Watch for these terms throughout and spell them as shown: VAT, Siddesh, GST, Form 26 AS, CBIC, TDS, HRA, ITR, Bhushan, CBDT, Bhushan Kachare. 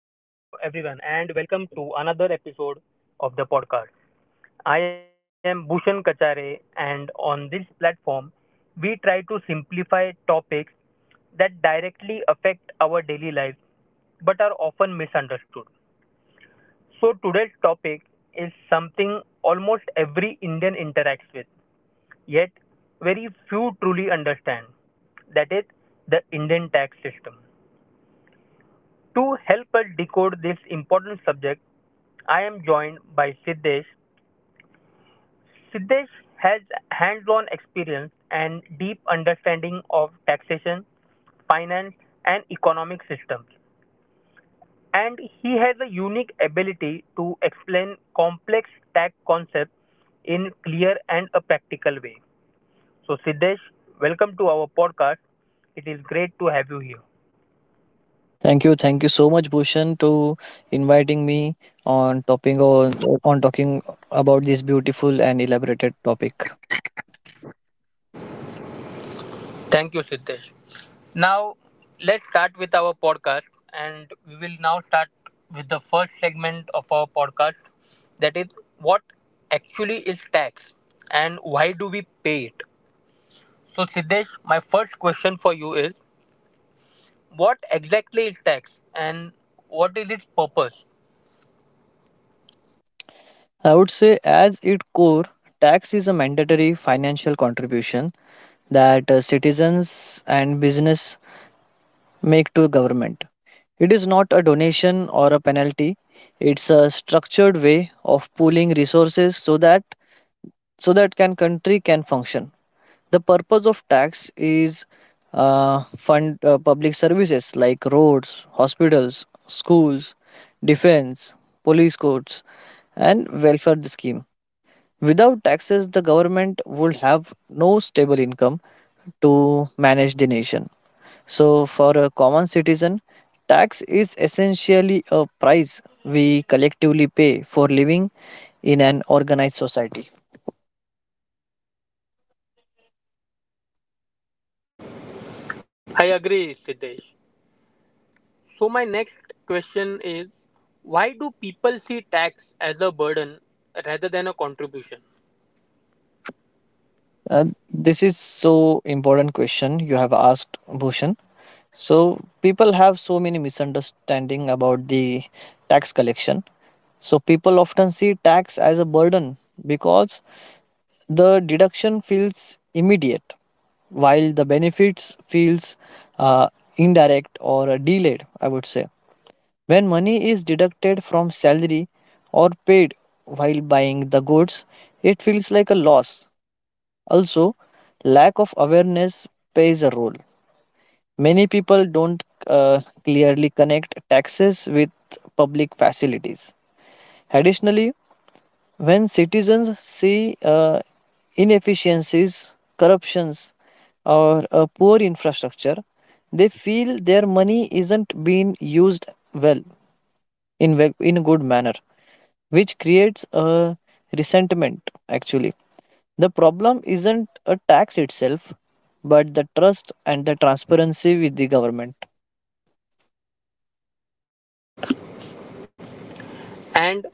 Hello, everyone, and welcome to another episode of the podcast. I am Bhushan Kachare, and on this platform, we try to simplify topics that directly affect our daily lives but are often misunderstood. So, today's topic is something almost every Indian interacts with, yet very few truly understand, that is, the Indian tax system. To help us decode this important subject, I am joined by Siddesh. Siddesh has hands on experience and deep understanding of taxation, finance, and economic systems. And he has a unique ability to explain complex tax concepts in clear and a practical way. So, Siddesh, welcome to our podcast. It is great to have you here. Thank you so much, Bhushan, to inviting me on topping on talking about this beautiful and elaborated topic. Thank you, Siddesh. Now, let's start with our podcast, and we will now start with the first segment of our podcast, that is, what actually is tax and why do we pay it? So, Siddesh, my first question for you is what exactly is tax and what is its purpose? I would say, as its core, tax is a mandatory financial contribution that citizens and business make to government. It is not a donation or a penalty. It's a structured way of pooling resources so that can country can function. The purpose of tax is fund public services like roads, hospitals, schools, defense, police courts, and welfare scheme. Without taxes, the government would have no stable income to manage the nation. So, for a common citizen, tax is essentially a price we collectively pay for living in an organized society. I agree, Siddesh. So, my next question is why do people see tax as a burden rather than a contribution? Uh, this is so important question you have asked Bhushan. So people have so many misunderstanding about the tax collection. So people often see tax as a burden because the deduction feels immediate while the benefits feels uh, indirect or delayed I would say. When money is deducted from salary or paid while buying the goods, it feels like a loss. Also, lack of awareness plays a role. Many people don't clearly connect taxes with public facilities. Additionally, when citizens see inefficiencies, corruptions, or a poor infrastructure, they feel their money isn't being used well in a good manner, which creates a resentment actually. The problem isn't a tax itself, but the trust and the transparency with the government. And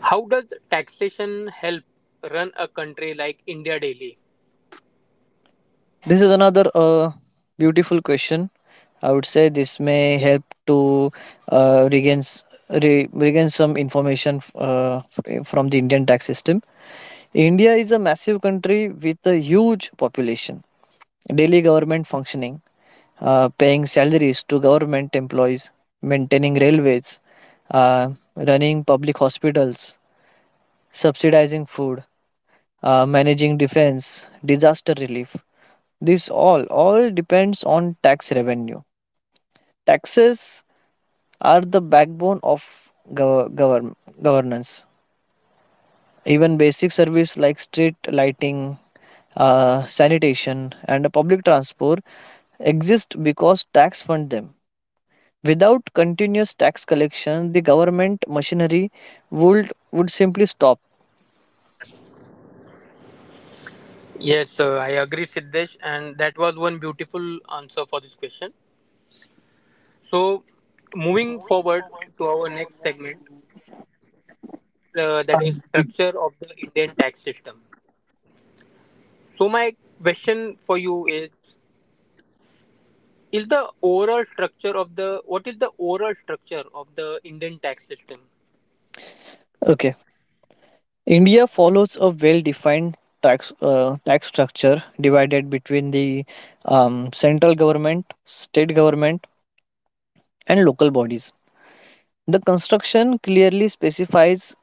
how does taxation help run a country like India daily? This is another beautiful question. I would say this may help to uh, regain, s- regain some information from the Indian tax system. India is a massive country with a huge population, daily government functioning, paying salaries to government employees, maintaining railways, uh, running public hospitals, subsidizing food, managing defense, disaster relief. This all depends on tax revenue. Taxes are the backbone of gov- govern- governance. Even basic service like street lighting, sanitation, and public transport exist because tax fund them. Without continuous tax collection, the government machinery would simply stop. Yes, I agree, Siddesh, and that was one beautiful answer for this question. So, moving forward to our next segment, that is structure of the Indian tax system. So, my question for you is the overall structure of the what is the overall structure of the Indian tax system? Okay. India follows a well-defined tax structure divided between the central government, state government, and local bodies. The construction clearly specifies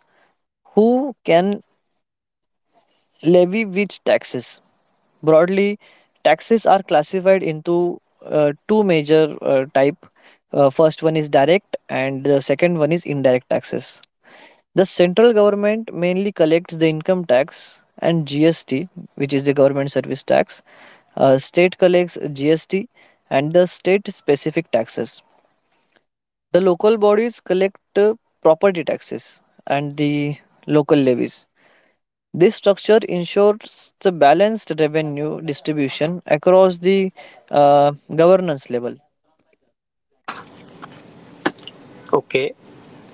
who can levy which taxes. Broadly, taxes are classified into two major type. First one is direct, and the second one is indirect taxes. The central government mainly collects the income tax and GST, which is the government service tax. State collects GST and the state specific taxes. The local bodies collect property taxes and the local levies. This structure ensures the balanced revenue distribution across the governance level. Okay,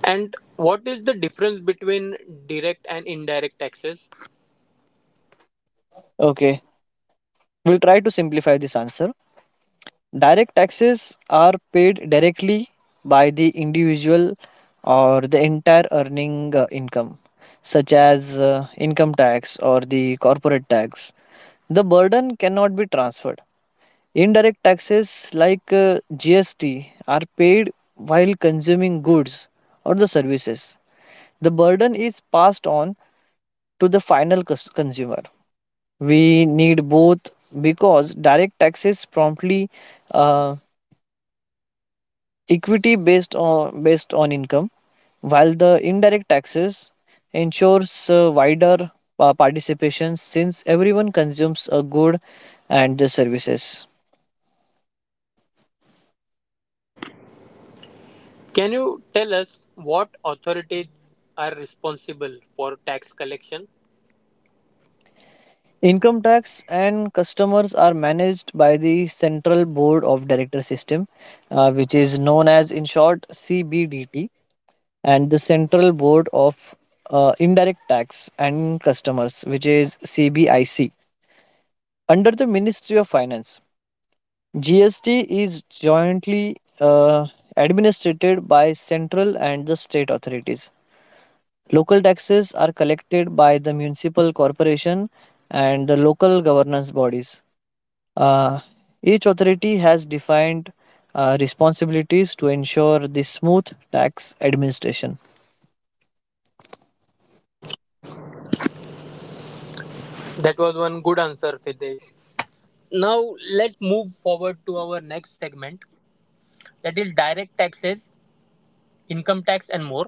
and what is the difference between direct and indirect taxes? Okay, we'll try to simplify this answer. Direct taxes are paid directly by the individual or the entire earning income, such as income tax or the corporate tax. The burden cannot be transferred. Indirect taxes like GST are paid while consuming goods or the services. The burden is passed on to the final consumer. We need both because direct taxes promptly uh, equity based on income, while the indirect taxes ensures wider participation since everyone consumes a good and the services. Can you tell us what authorities are responsible for tax collection? Income tax and customers are managed by the Central Board of Director System, which is known as, in short, CBDT, and the Central Board of Indirect Tax and Customers, which is CBIC, under the Ministry of Finance. GST is jointly administered by central and the state authorities. Local taxes are collected by the municipal corporation and the local governance bodies. Uh, each authority has defined responsibilities to ensure the smooth tax administration. That was one good answer, Fidesh. Now let's move forward to our next segment, that is direct taxes, income tax, and more.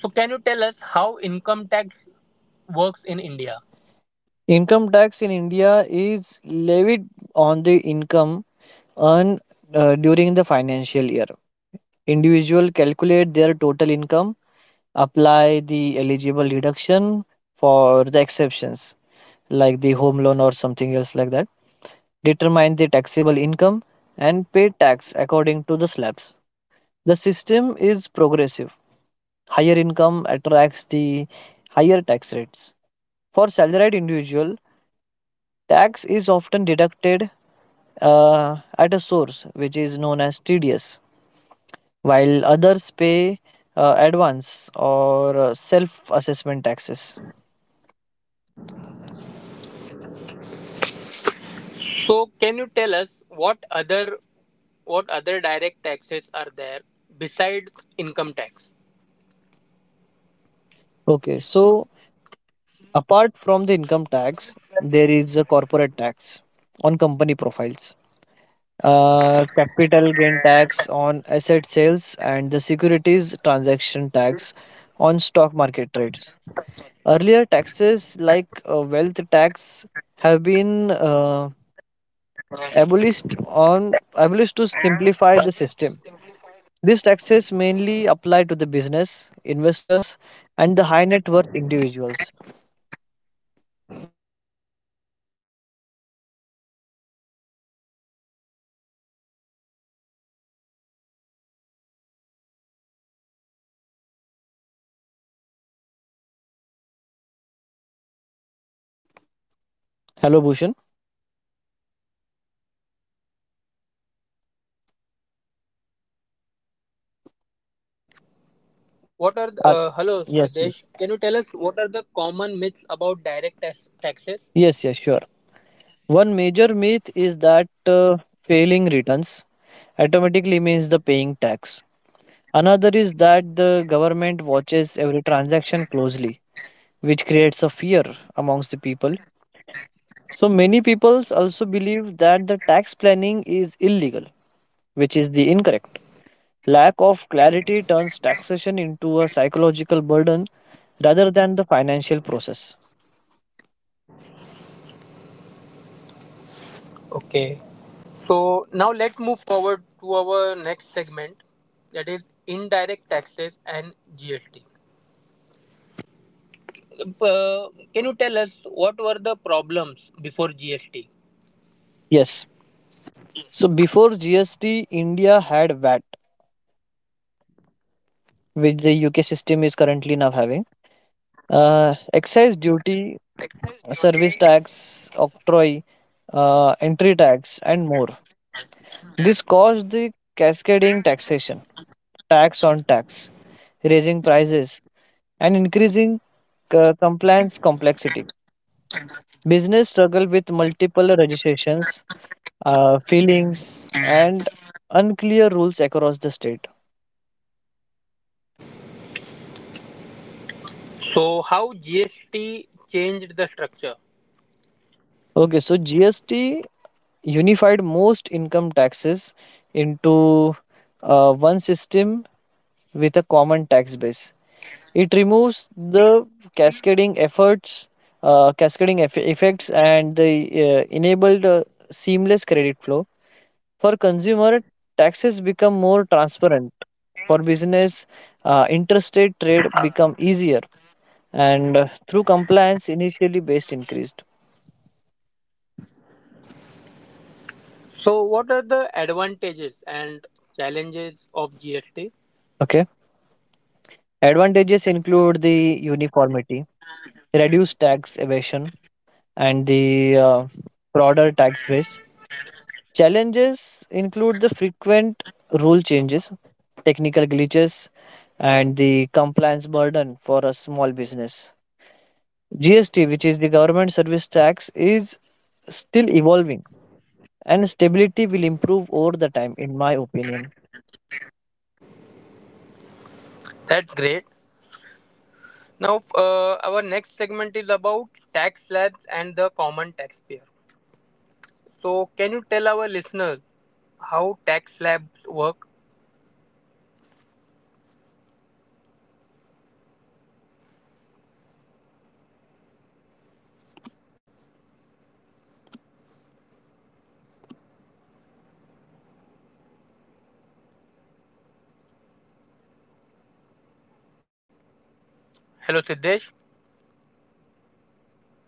So, can you tell us how income tax works in India? Income tax in India is levied on the income earned during the financial year. Individual calculate their total income, apply the eligible deduction for the exceptions like the home loan or something else like that, determine the taxable income and pay tax according to the slabs. The system is progressive. Higher income attracts the higher tax rates. For salaried individual, tax is often deducted at a source, which is known as TDS, while others pay advance or self-assessment taxes. So, can you tell us what other direct taxes are there besides income tax? Okay, so apart from the income tax, there is a corporate tax on company profiles, capital gain tax on asset sales, and the securities transaction tax on stock market trades. Earlier taxes like wealth tax have been abolished to simplify the system. These taxes mainly apply to the business, investors, and the high net worth individuals. Hello, Bhushan. What are the, Are- hello yes, Siddesh? yes. Can you tell us what are the common myths about direct taxes? Yes, yes, sure. One major myth is that failing returns automatically means the paying tax. Another is that the government watches every transaction closely, which creates a fear amongst the people. So many people also believe that the tax planning is illegal, which is the incorrect. Lack of clarity turns taxation into a psychological burden rather than the financial process. Okay. So now let's move forward to our next segment, that is indirect taxes and GST. Uh, can you tell us what were the problems before GST? Yes. So before GST, India had VAT, which the UK system is currently now having. Excise duty, Excise service duty. tax, octroi, entry tax, and more. This caused the cascading taxation, tax on tax, raising prices, and increasing compliance complexity. Business struggle with multiple registrations, fillings, and unclear rules across the state. So how GST changed the structure? Okay, so GST unified most income taxes into one system with a common tax base. It removes the cascading efforts, cascading effects, and the enabled seamless credit flow. For consumer, taxes become more transparent. For business, interstate trade Uh, become easier, and through compliance, initially based increased. So what are the advantages and challenges of GST? Okay. Advantages include the uniformity, reduced tax evasion, and the broader tax base. Challenges include the frequent rule changes, technical glitches, and the compliance burden for a small business. GST, which is the government service tax, is still evolving and stability will improve over the time in my opinion. That's great. Now, our next segment is about tax slabs and the common taxpayer. So, can you tell our listeners how tax slabs work? Hello, Siddesh.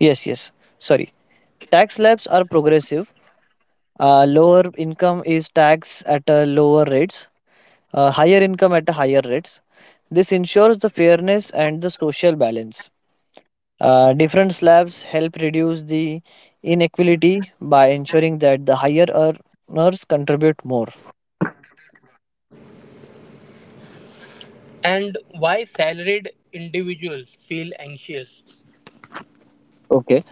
Yes, yes, sorry. Tax slabs are progressive. Lower income is taxed at a lower rates. Higher income at a higher rates. This ensures the fairness and the social balance. Different slabs help reduce the inequality by ensuring that the higher earners contribute more. And why salaried individuals feel anxious? Okay.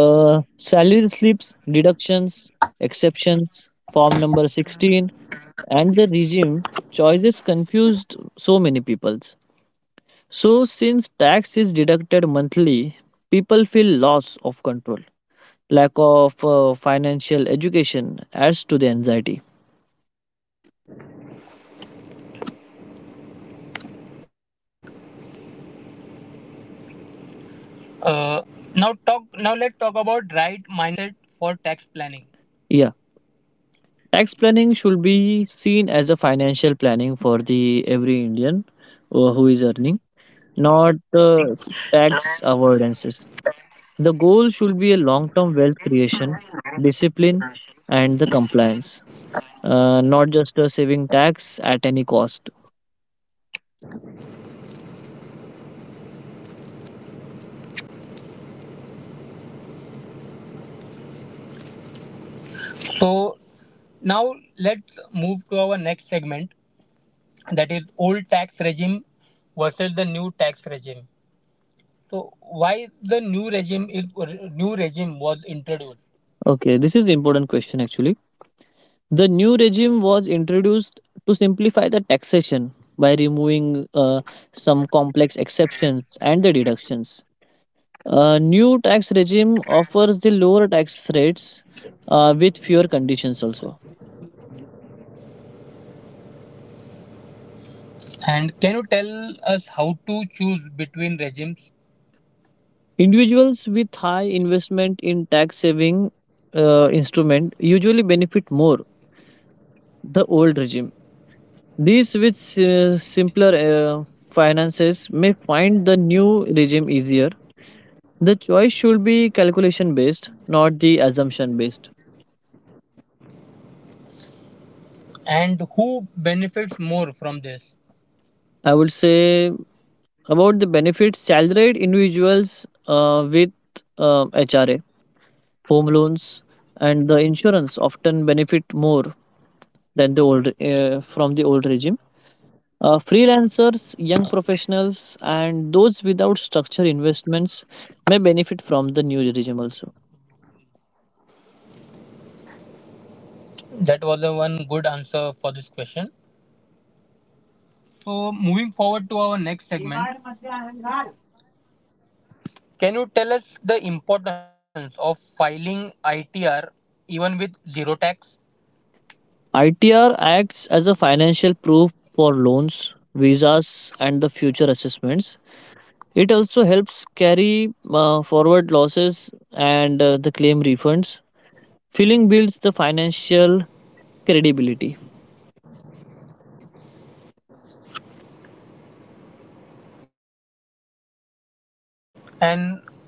Salary slips, deductions, exceptions, form number 16, and the regime choices confused so many peoples. So, since tax is deducted monthly, people feel loss of control. Lack of financial education adds to the anxiety. Uh, Now, let's talk about right mindset for tax planning. Yeah, tax planning should be seen as a financial planning for the every Indian who is earning, not tax avoidances. The goal should be a long-term wealth creation, discipline, and the compliance. Not just a saving tax at any cost? So, now let's move to our next segment, that is old tax regime versus the new tax regime. So why the new regime is new regime was introduced? Okay, this is the important question actually. The new regime was introduced to simplify the taxation by removing some complex exceptions and the deductions. A new tax regime offers the lower tax rates with fewer conditions also. And can you tell us how to choose between regimes Individuals with high investment in tax saving instrument usually benefit more the old regime. These with simpler finances may find the new regime easier. The choice should be calculation based, not the assumption based. and who benefits more from this? I would say about the benefits salaried individuals with HRA, home loans, and the insurance often benefit more than the old from the old regime. Freelancers, young professionals, and those without structured investments may benefit from the new regime also. That was the one good answer for this question. So moving forward to our next segment, can you tell us the importance of filing ITR even with zero tax, ITR acts as a financial proof for loans, visas, and the future assessments. It also helps carry forward losses and the claim refunds. Filling builds the financial credibility. and what are the common mistakes in filing?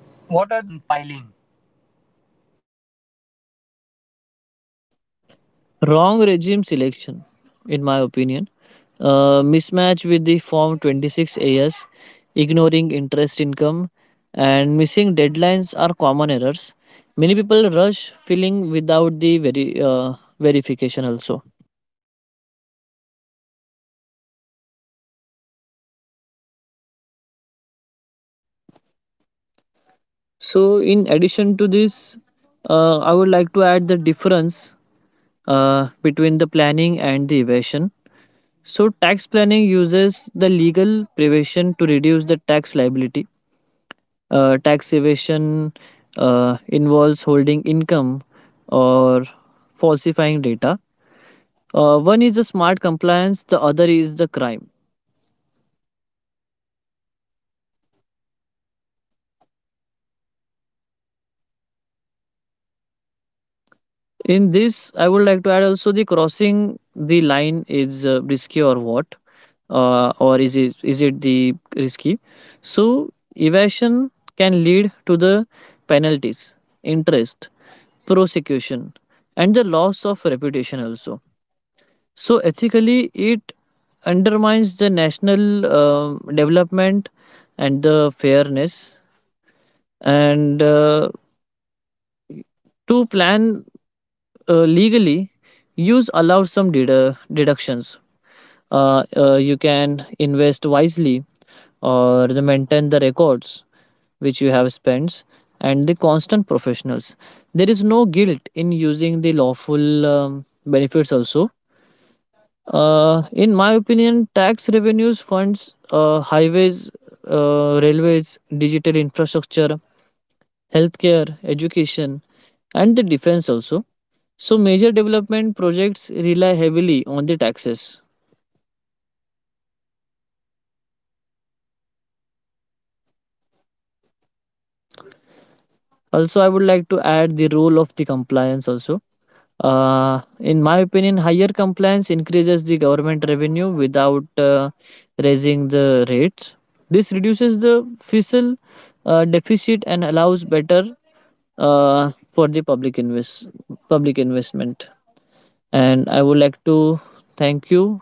Wrong regime selection, in my opinion. Mismatch with the Form 26 AS, ignoring interest income, and missing deadlines are common errors. Many people rush filling without the verification also. So, in addition to this, I would like to add the difference between the planning and the evasion. So, tax planning uses the legal prevention to reduce the tax liability. Tax evasion involves holding income or falsifying data. One is the smart compliance, the other is the crime. In this, I would like to add also the crossing the line is risky or what, or is it the risky? So evasion can lead to the penalties, interest, prosecution, and the loss of reputation also. So ethically, it undermines the national development and the fairness. And to plan legally, use allows some deductions you can invest wisely or the maintain the records which you have spent and the constant professionals. There is no guilt in using the lawful benefits also. In my opinion tax revenues funds highways, railways, digital infrastructure, healthcare, education, and the defense also. So major development projects rely heavily on the taxes. Also, I would like to add the role of the compliance also. In my opinion, higher compliance increases the government revenue without raising the rates. This reduces the fiscal deficit and allows better for the public investment. And I would like to thank you,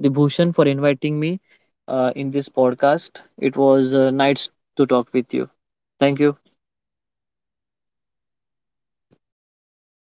Dibhushan, for inviting me in this podcast. It was nice to talk with you. Thank you.